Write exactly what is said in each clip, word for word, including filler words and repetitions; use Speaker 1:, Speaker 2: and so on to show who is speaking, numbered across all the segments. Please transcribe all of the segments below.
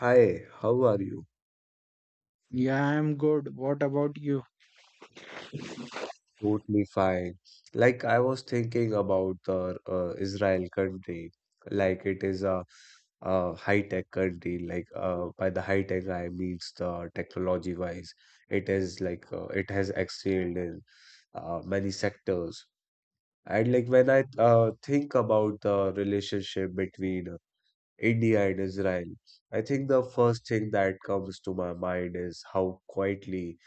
Speaker 1: Hi, how are you?
Speaker 2: Yeah, I'm good. What about you?
Speaker 1: Totally fine. Like I was thinking about the uh, Israel country, like it is a, a high-tech country. Like uh, by the high-tech I means the technology-wise, it is like uh, it has excelled in uh, many sectors. And like when I uh, think about the relationship between India and Israel, I think the first thing that comes to my mind is how quietly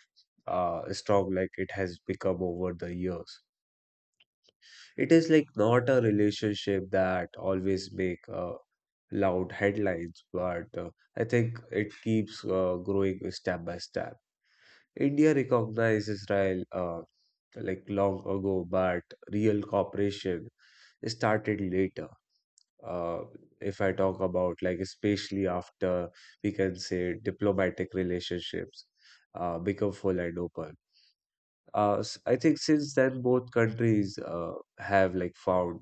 Speaker 1: uh, strong like it has become over the years. It is like not a relationship that always make uh, loud headlines, but uh, I think it keeps uh, growing step by step. India recognized Israel uh, like long ago, but real cooperation started later. Uh, if I talk about like especially after we can say diplomatic relationships uh, become full and open. Uh, s- I think since then, both countries uh, have like found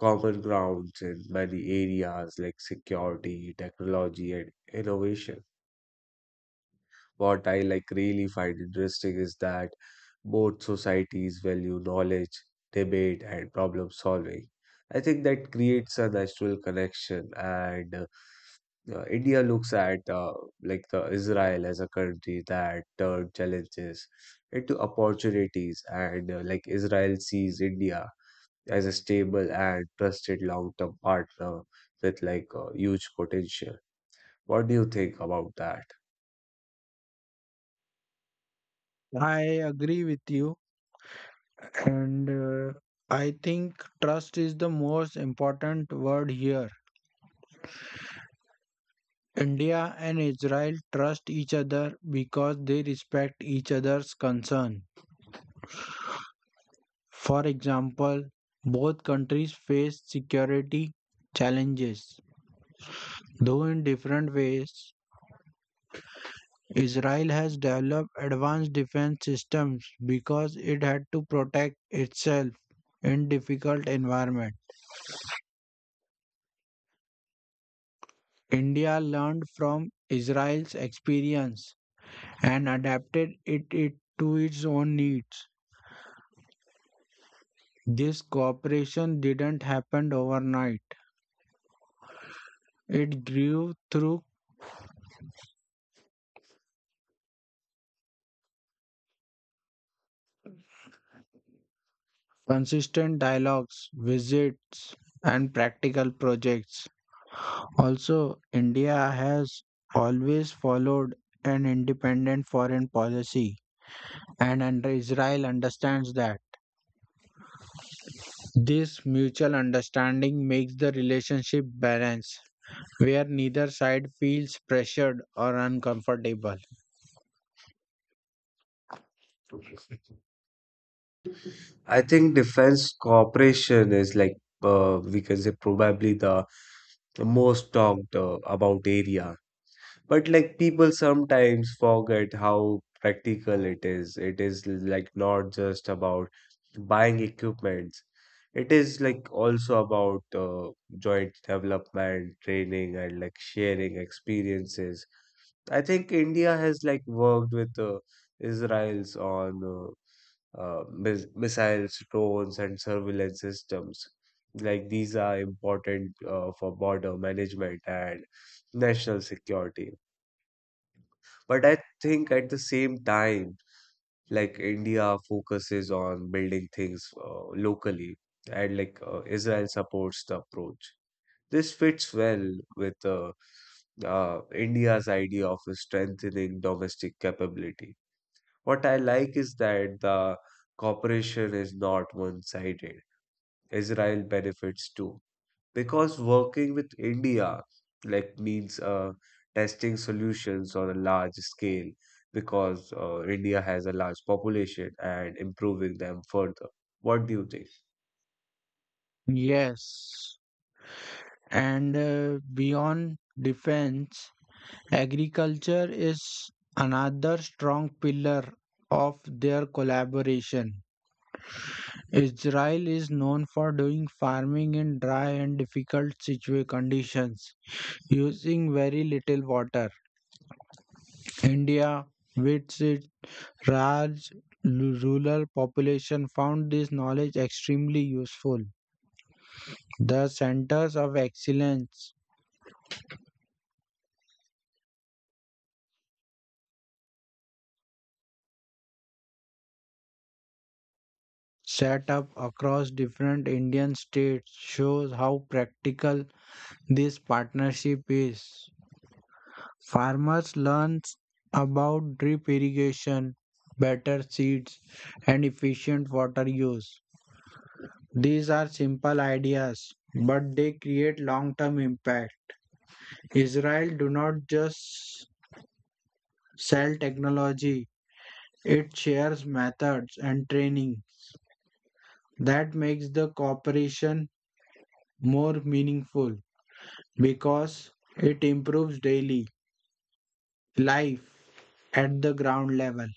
Speaker 1: common grounds in many areas like security, technology, and innovation. What I like really find interesting is that both societies value knowledge, debate, and problem solving. I think that creates a natural connection, and uh, uh, India looks at uh, like the Israel as a country that turned challenges into opportunities, and uh, like Israel sees India as a stable and trusted long-term partner with like uh, huge potential. What do you think about that?
Speaker 2: I agree with you. And uh, I think trust is the most important word here. India and Israel trust each other because they respect each other's concern. For example, both countries face security challenges, though in different ways. Israel has developed advanced defense systems because it had to protect itself in difficult environments. India learned from Israel's experience and adapted it, it to its own needs. This cooperation didn't happen overnight. It grew through consistent dialogues, visits, and practical projects. Also, India has always followed an independent foreign policy, and under Israel understands that. This mutual understanding makes the relationship balanced, where neither side feels pressured or uncomfortable.
Speaker 1: I think defense cooperation is like uh, we can say probably the most talked uh, about area. But like people sometimes forget how practical it is. It is like not just about buying equipments. It is like also about uh, joint development, training, and like sharing experiences. I think India has like worked with uh, Israel's on uh, uh, mis- missiles, drones, and surveillance systems. Like these are important uh, for border management and national security. But I think at the same time, like India focuses on building things uh, locally, and like uh, Israel supports the approach. This fits well with uh, uh, India's idea of strengthening domestic capability. What I like is that the cooperation is not one-sided. Israel benefits too, because working with India like means uh, testing solutions on a large scale because uh, India has a large population and improving them further. What do you think?
Speaker 2: Yes, and uh, beyond defense, agriculture is another strong pillar of their collaboration. Israel is known for doing farming in dry and difficult situa- conditions using very little water. India, with its large lu- rural population, found this knowledge extremely useful. The centers of excellence set up across different Indian states shows how practical this partnership is. Farmers learn about drip irrigation, better seeds, and efficient water use. These are simple ideas, but they create long-term impact. Israel do not just sell technology, it shares methods and training. That makes the cooperation more meaningful because it improves daily life at the ground level.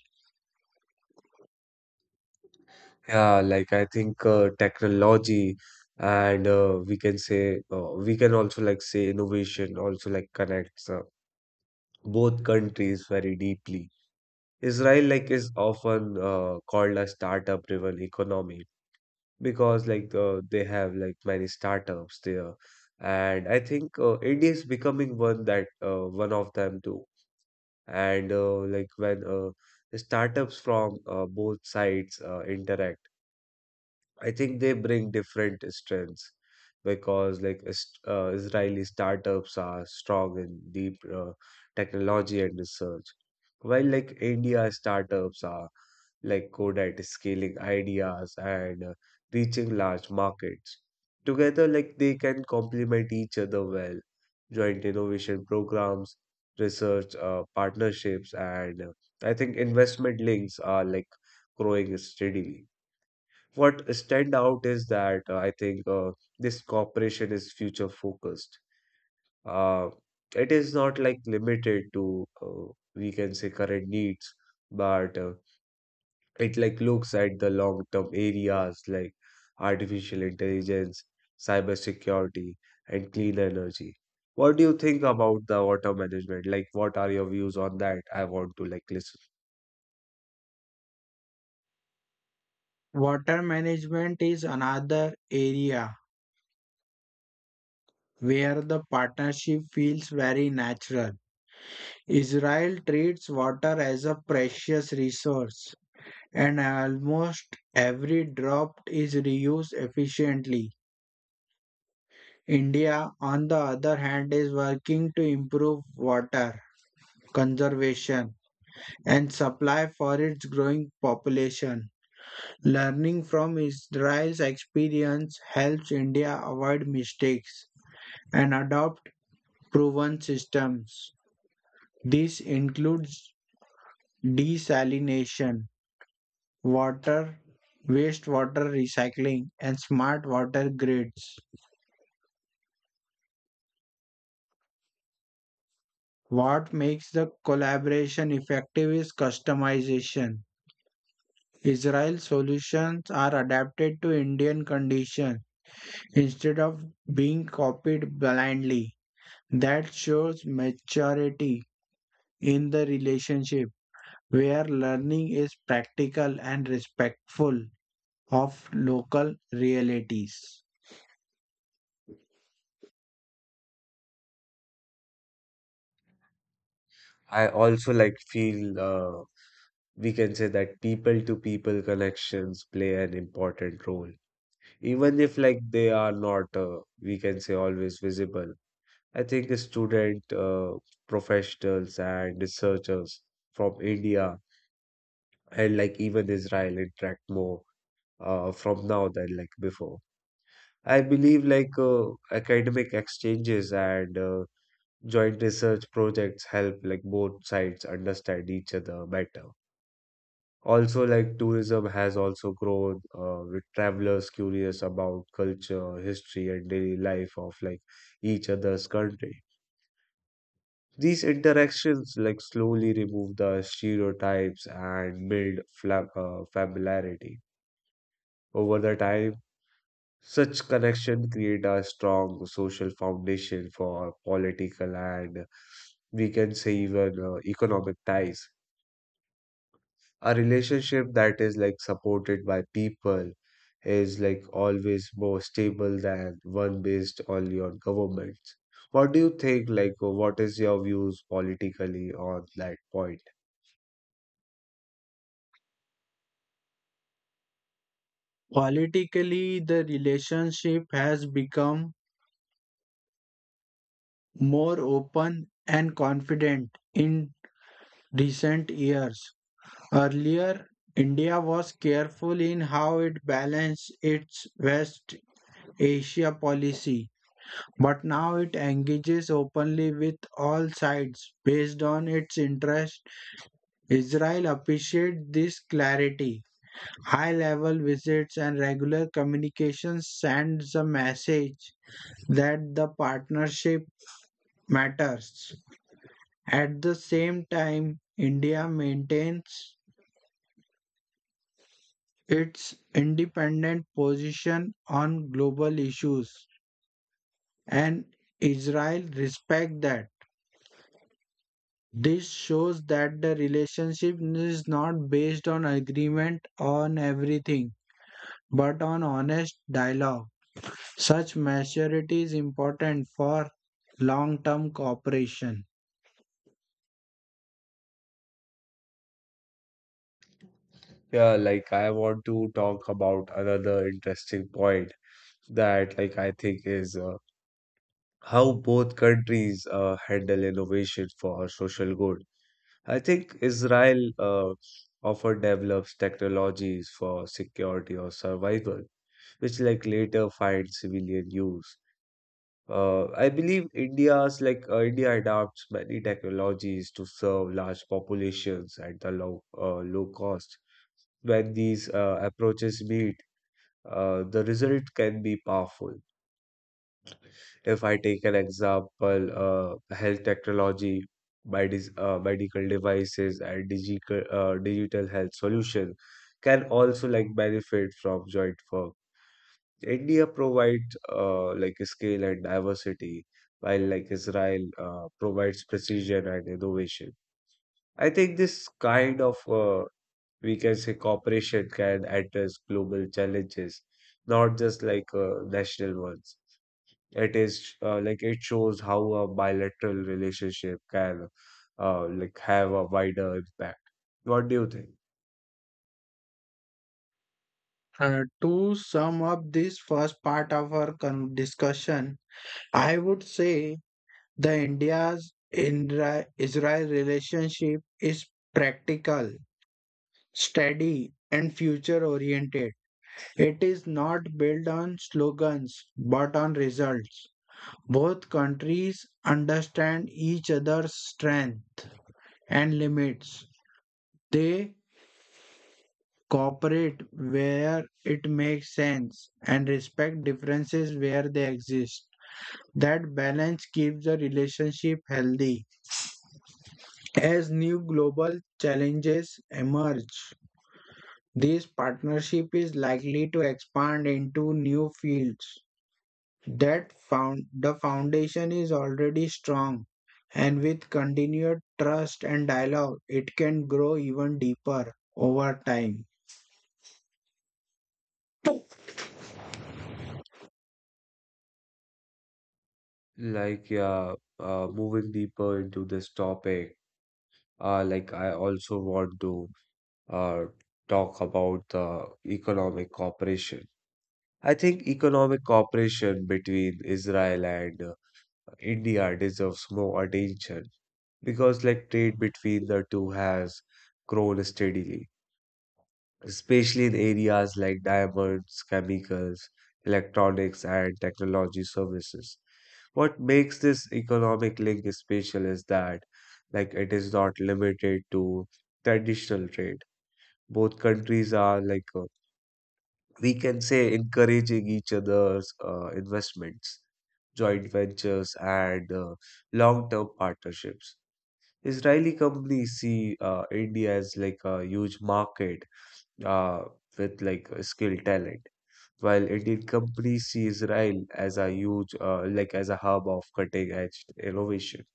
Speaker 1: Yeah, like I think uh, technology and uh, we can say uh, we can also like say innovation also like connects uh, both countries very deeply. Israel like is often uh, called a startup driven economy because like uh, they have like many startups there, and I think uh, India is becoming one that uh, one of them too, and uh, like when uh, startups from uh, both sides uh, interact. I think they bring different strengths because like is- uh, Israeli startups are strong in deep uh, technology and research, while like India startups are like Codette scaling ideas and uh, reaching large markets. Together, like they can complement each other well. Joint innovation programs, research uh, partnerships, and uh, I think investment links are like growing steadily. What stand out is that uh, I think uh, this cooperation is future focused. Uh, it is not like limited to uh, we can say current needs, but uh, it like looks at the long-term areas like artificial intelligence, cybersecurity, and clean energy. What do you think about the water management? Like, what are your views on that? I want to like listen.
Speaker 2: Water management is another area where the partnership feels very natural. Israel treats water as a precious resource, and almost every drop is reused efficiently. India, on the other hand, is working to improve water conservation and supply for its growing population. Learning from Israel's experience helps India avoid mistakes and adopt proven systems. This includes desalination, water, wastewater recycling, and smart water grids. What makes the collaboration effective is customization. Israel's solutions are adapted to Indian conditions instead of being copied blindly. That shows maturity in the relationship where learning is practical and respectful of local realities.
Speaker 1: I also like feel uh, we can say that people to people connections play an important role, even if like they are not uh, we can say always visible. I think the student uh, professionals and researchers from India and like even Israel interact more uh, from now than like before. I believe like uh, academic exchanges and uh, joint research projects help like both sides understand each other better. Also, like tourism has also grown uh, with travelers curious about culture, history, and daily life of like each other's country. These interactions like slowly remove the stereotypes and build fla- uh, familiarity over the time. Such connection create a strong social foundation for political and we can say even uh, economic ties. A relationship that is like supported by people is like always more stable than one based only on governments. What do you think? Like, uh, what is your views politically on that point?
Speaker 2: Politically, the relationship has become more open and confident in recent years. Earlier, India was careful in how it balanced its West Asia policy. But now it engages openly with all sides based on its interest. Israel appreciates this clarity. High level visits and regular communication sends a message that the partnership matters. At the same time, India maintains its independent position on global issues and Israel respects that. This shows that the relationship is not based on agreement on everything, but on honest dialogue. Such maturity is important for long term cooperation.
Speaker 1: Yeah, like I want to talk about another interesting point that like I think is uh, how both countries uh, handle innovation for social good. I think Israel uh, often develops technologies for security or survival, which like later find civilian use. Uh, I believe India's like uh, India adopts many technologies to serve large populations at the low uh, low cost. When these uh, approaches meet, uh, the result can be powerful. If I take an example, uh, health technology, medis uh, medical devices, and digital, uh, digital health solution can also like benefit from joint work. India provides uh, like scale and diversity, while like Israel uh, provides precision and innovation. I think this kind of uh, we can say cooperation can address global challenges, not just like uh, national ones. It is uh, like it shows how a bilateral relationship can uh, like have a wider impact. What do you think?
Speaker 2: Uh, to sum up this first part of our con- discussion, I would say the India's Indra- Israel relationship is practical, steady, and future oriented. It is not built on slogans but on results. Both countries understand each other's strengths and limits. They cooperate where it makes sense and respect differences where they exist. That balance keeps the relationship healthy. As new global challenges emerge, this partnership is likely to expand into new fields that found the foundation is already strong, and with continued trust and dialogue it can grow even deeper over time.
Speaker 1: Like, yeah, uh, moving deeper into this topic, uh, like I also want to uh, talk about the economic cooperation. I think economic cooperation between Israel and uh, India deserves more attention because, like, trade between the two has grown steadily, especially in areas like diamonds, chemicals, electronics, and technology services. What makes this economic link special is that, like, it is not limited to traditional trade. Both countries are like uh, we can say encouraging each other's uh, investments, joint ventures, and uh, long-term partnerships. Israeli companies see uh, India as like a huge market uh, with like uh, skill talent. While Indian companies see Israel as a huge, uh, like as a hub of cutting edge innovation.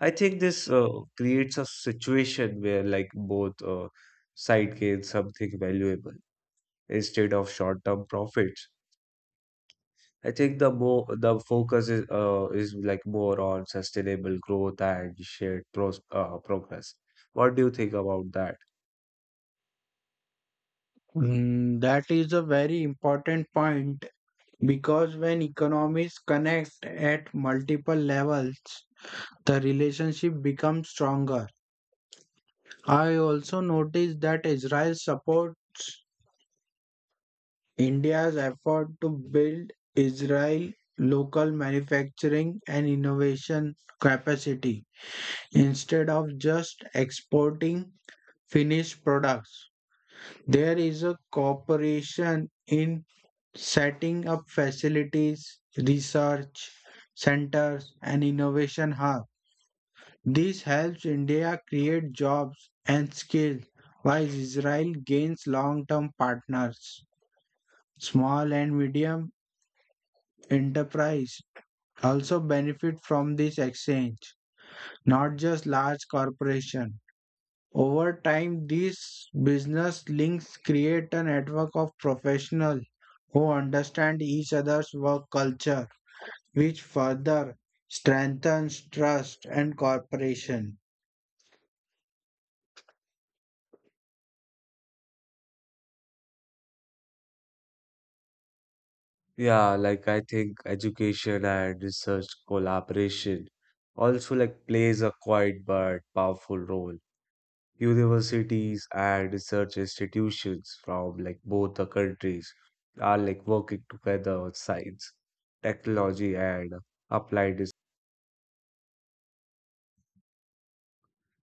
Speaker 1: I think this uh, creates a situation where like both uh, side gain something valuable instead of short-term profits. I think the more the focus is uh, is like more on sustainable growth and shared pros uh, progress. What do you think about that?
Speaker 2: Mm, that is a very important point because when economies connect at multiple levels the relationship becomes stronger. I also noticed that Israel support India's effort to build Israel local manufacturing and innovation capacity instead of just exporting finished products. There is a cooperation in setting up facilities, research centers, and innovation hubs. This helps India create jobs and skills while Israel gains long term partners. Small and medium enterprise also benefit from this exchange, not just large corporations. Over time, these business links create a network of professionals who understand each other's work culture, which further strengthens trust and cooperation.
Speaker 1: Yeah, like I think education and research collaboration also like plays a quiet but powerful role. Universities and research institutions from like both the countries are like working together on science, technology, and applied research.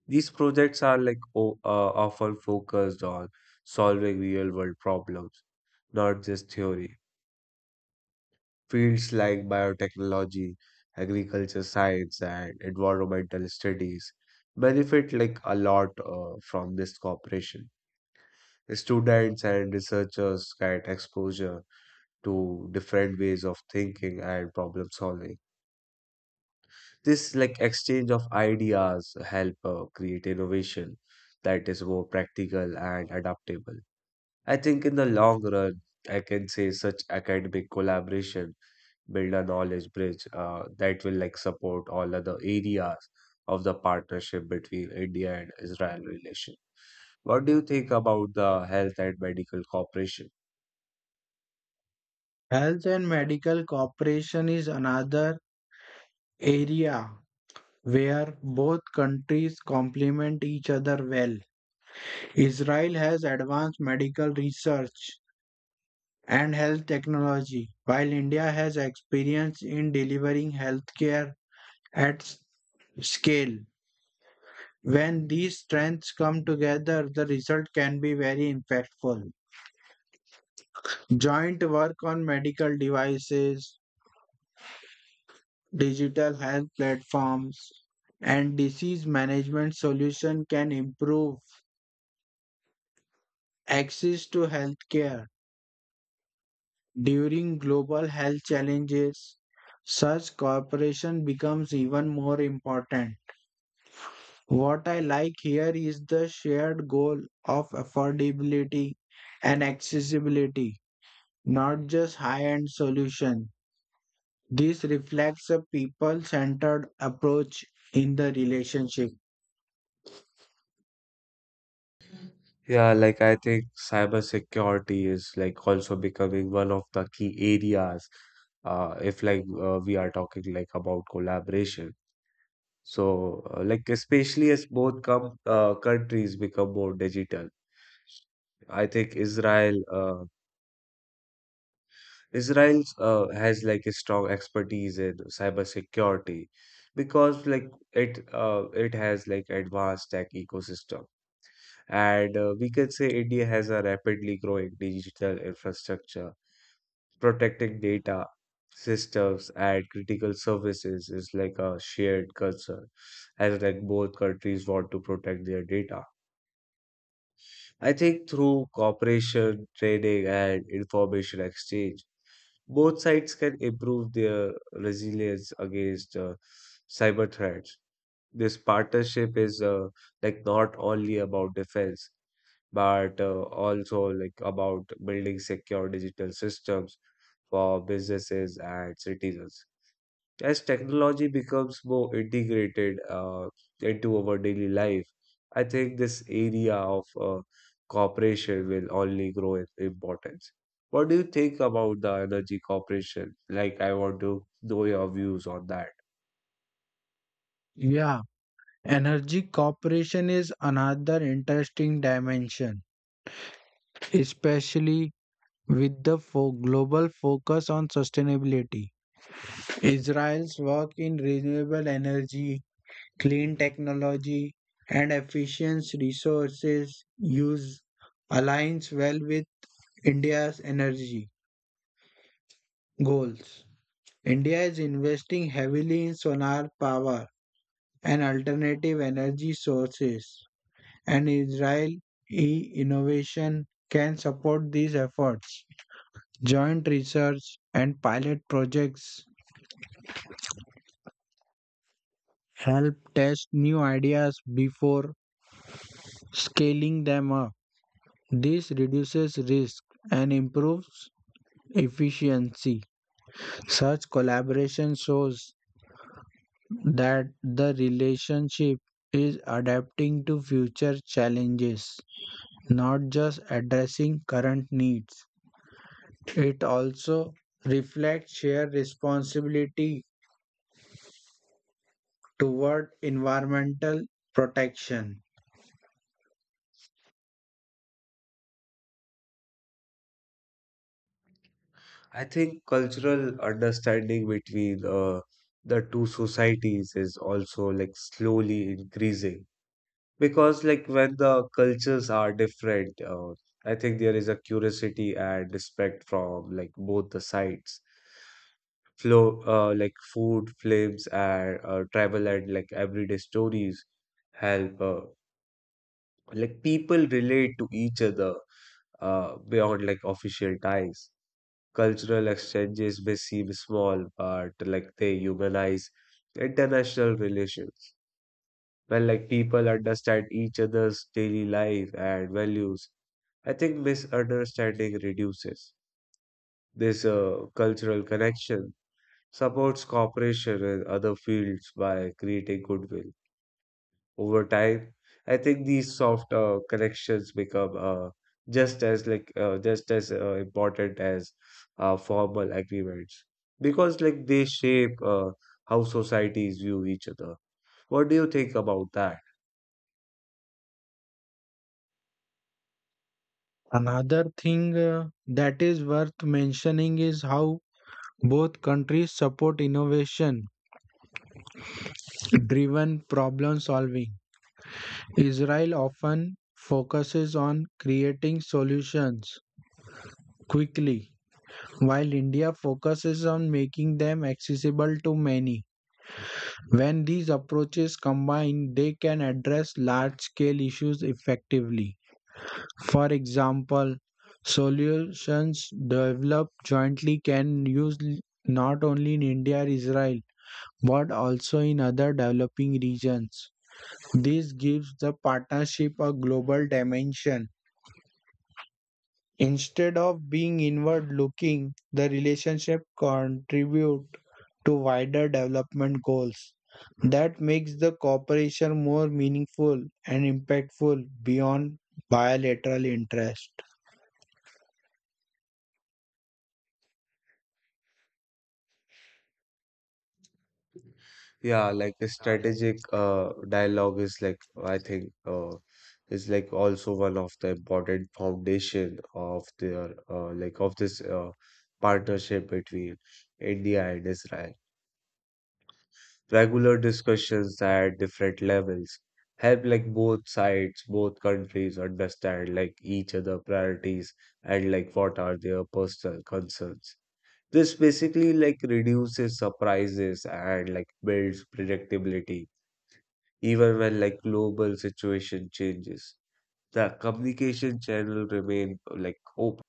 Speaker 1: These projects are like o uh, often focused on solving real world problems, not just theory. Fields like biotechnology, agriculture science, and environmental studies benefit like a lot uh, from this cooperation. Students and researchers get exposure to different ways of thinking and problem solving. This like exchange of ideas help uh, create innovation that is more practical and adaptable. I think in the long run, I can say such academic collaboration build a knowledge bridge uh, that will like support all other areas of the partnership between India and Israel relation. What do you think about the health and medical cooperation?
Speaker 2: Health and medical cooperation is another area where both countries complement each other well. Israel has advanced medical research and health technology, while India has experience in delivering healthcare at scale. When these strengths come together, the result can be very impactful. Joint work on medical devices, digital health platforms, and disease management solutions can improve access to healthcare during global health challenges. Such cooperation becomes even more important. What I like here is the shared goal of affordability and accessibility, not just high-end solution. This reflects a people-centered approach in the relationship.
Speaker 1: Yeah, like I think cybersecurity is like also becoming one of the key areas uh, if like uh, we are talking like about collaboration. So, uh, like especially as both com uh, countries become more digital, I think Israel uh, Israel uh, has like a strong expertise in cybersecurity because like it uh, it has like advanced tech ecosystem and uh, we can say India has a rapidly growing digital infrastructure. Protecting data systems and critical services is like a shared concern as like both countries want to protect their data. I think through cooperation, training, and information exchange, both sides can improve their resilience against uh, cyber threats. This partnership is uh, like not only about defense, but uh, also like about building secure digital systems for businesses and citizens as technology becomes more integrated uh, into our daily life. I think this area of uh, cooperation will only grow in importance. What do you think about the energy cooperation? Like, I want to know your views on that.
Speaker 2: Yeah, energy cooperation is another interesting dimension, especially with the fo- global focus on sustainability. Israel's work in renewable energy, clean technology, and efficient resources use aligns well with India's energy goals. India is investing heavily in solar power and alternative energy sources, and Israeli innovation can support these efforts. Joint research and pilot projects help test new ideas before scaling them up. This reduces risk and improves efficiency. Such collaboration shows that the relationship is adapting to future challenges, not just addressing current needs. It also reflects shared responsibility toward environmental protection.
Speaker 1: I think cultural understanding between uh, the two societies is also like slowly increasing because like when the cultures are different uh, I think there is a curiosity and respect from like both the sides. Flow uh, like food films and uh, travel and like everyday stories help uh, like people relate to each other uh, beyond like official ties. Cultural exchanges may seem small but like they humanize international relations. When like people understand each other's daily life and values, I think misunderstanding reduces. This uh, cultural connection supports cooperation in other fields by creating goodwill. Over time, I think these soft uh, connections become uh, just as like uh, just as uh, important as uh, formal agreements because like they shape uh, how societies view each other. What do you think about that?
Speaker 2: Another thing uh, that is worth mentioning is how both countries support innovation driven problem solving. Israel often focuses on creating solutions quickly, while India focuses on making them accessible to many. When these approaches combine, they can address large scale issues effectively. For example, solutions developed jointly can use l- not only in India or Israel but also in other developing regions. This gives the partnership a global dimension. Instead of being inward looking, the relationship contributes to wider development goals. That makes the cooperation more meaningful and impactful beyond bilateral interest.
Speaker 1: Yeah, like a strategic uh, dialogue is like I think uh, is like also one of the important foundation of their uh, like of this uh, partnership between India and Israel. Regular discussions at different levels help like both sides, both countries understand like each other priorities and like what are their personal concerns. This basically like reduces surprises and like builds predictability even when like global situation changes. The communication channel remain like open.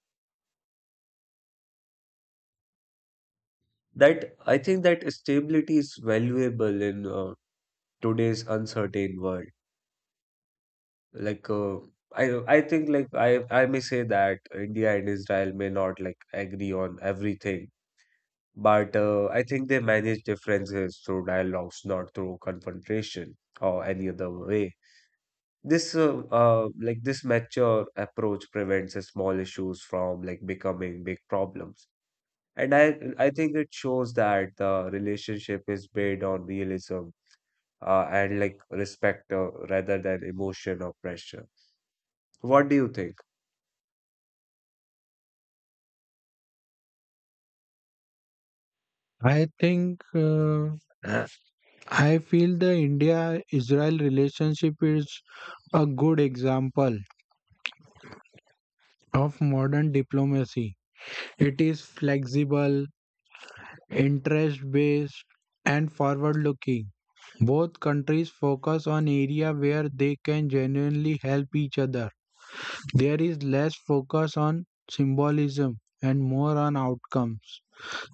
Speaker 1: That I think that stability is valuable in uh, today's uncertain world. Like uh, I I think like I I may say that India and Israel may not like agree on everything, but uh, I think they manage differences through dialogues, not through confrontation or any other way. This uh, uh, like this mature approach prevents uh, small issues from like becoming big problems. And I I think it shows that the relationship is based on realism uh, and like respect uh, rather than emotion or pressure. What do you think?
Speaker 2: I think uh, uh, I feel the India Israel relationship is a good example of modern diplomacy. It is flexible, interest based, and forward looking. Both countries focus on areas where they can genuinely help each other. There is less focus on symbolism and more on outcomes.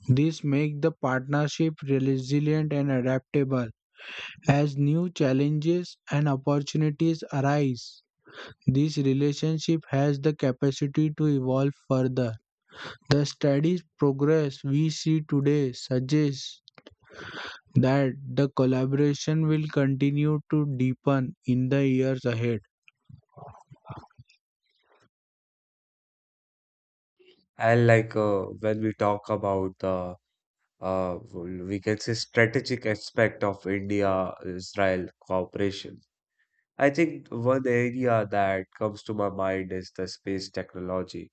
Speaker 2: This makes the partnership resilient and adaptable. As new challenges and opportunities arise, this relationship has the capacity to evolve further. The steady progress we see today suggests that the collaboration will continue to deepen in the years ahead.
Speaker 1: And like uh, when we talk about the uh, we can say strategic aspect of India-Israel cooperation. I think one area that comes to my mind is the space technology.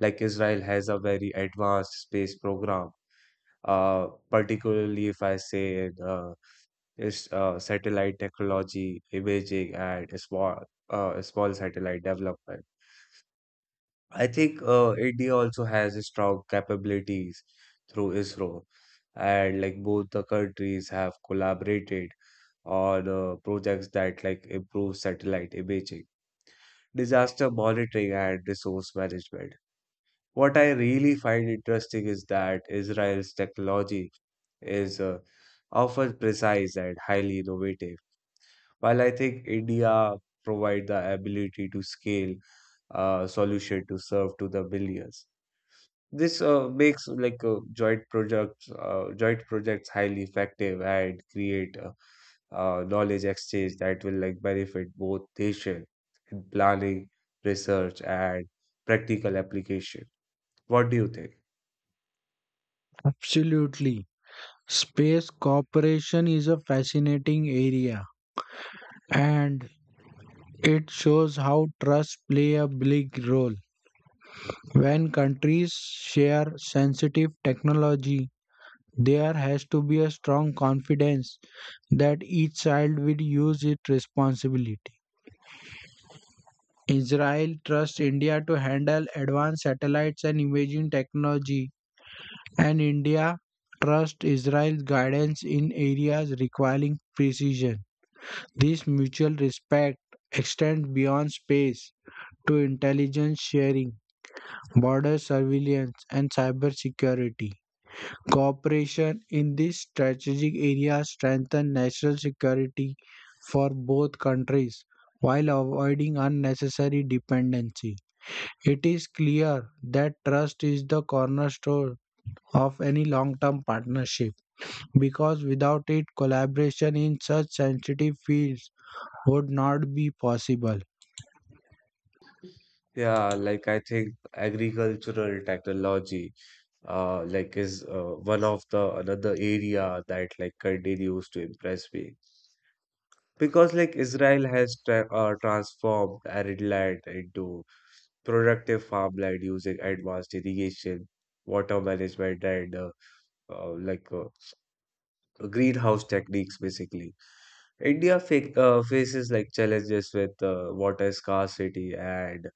Speaker 1: Like Israel has a very advanced space program, uh, particularly if I say uh, is uh, satellite technology, imaging, and small uh, small satellite development. I think uh, India also has strong capabilities through ISRO, and like both the countries have collaborated on uh, projects that like improve satellite imaging, disaster monitoring, and resource management. What I really find interesting is that Israel's technology is uh, often precise and highly innovative, while I think India provide the ability to scale uh, solution to serve to the billions. This uh, makes like uh, joint projects uh, joint projects highly effective and create a, uh, knowledge exchange that will like benefit both nation in planning, research, and practical application. What do you think?
Speaker 2: Absolutely. Space cooperation is a fascinating area and it shows how trust play a big role. When countries share sensitive technology, there has to be a strong confidence that each side will use it responsibly. Israel trusts India to handle advanced satellites and imaging technology, and India trusts Israel's guidance in areas requiring precision. This mutual respect extends beyond space to intelligence sharing, border surveillance, and cybersecurity. Cooperation in these strategic areas strengthens national security for both countries while avoiding unnecessary dependency. It is clear that trust is the cornerstone of any long term partnership because without it, collaboration in such sensitive fields would not be possible.
Speaker 1: Yeah, like I think agricultural technology uh like is uh, one of the another area that like continues to impress me because like Israel has tra uh, transformed arid land into productive farmland using advanced irrigation, water management and uh, uh, like uh, greenhouse techniques basically. India fa uh, faces like challenges with uh, water scarcity and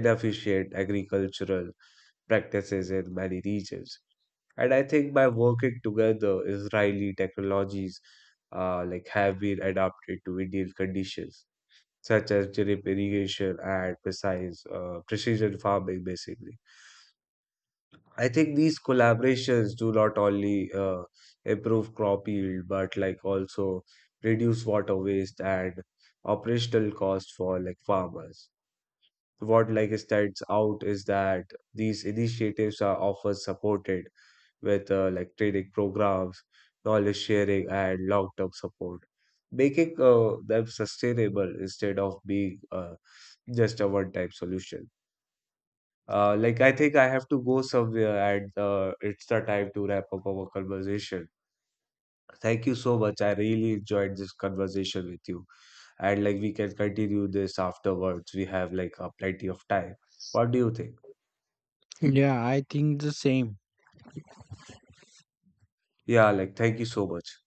Speaker 1: inefficient agricultural practices in many regions. And I think by working together, Israeli technologies uh, like have been adapted to Indian conditions, such as drip irrigation and precise uh, precision farming. Basically, I think these collaborations do not only uh, improve crop yield, but like also reduce water waste and operational cost for like farmers. What like stands out is that these initiatives are often supported with uh, like training programs, knowledge sharing, and long-term support, making uh, them sustainable instead of being uh, just a one-time solution. Uh, like I think I have to go somewhere, and uh, it's the time to wrap up our conversation. Thank you so much. I really enjoyed this conversation with you, and like we can continue this afterwards. We have like uh, plenty of time. What do you think?
Speaker 2: Yeah, I think the same.
Speaker 1: Yeah, like, thank you so much.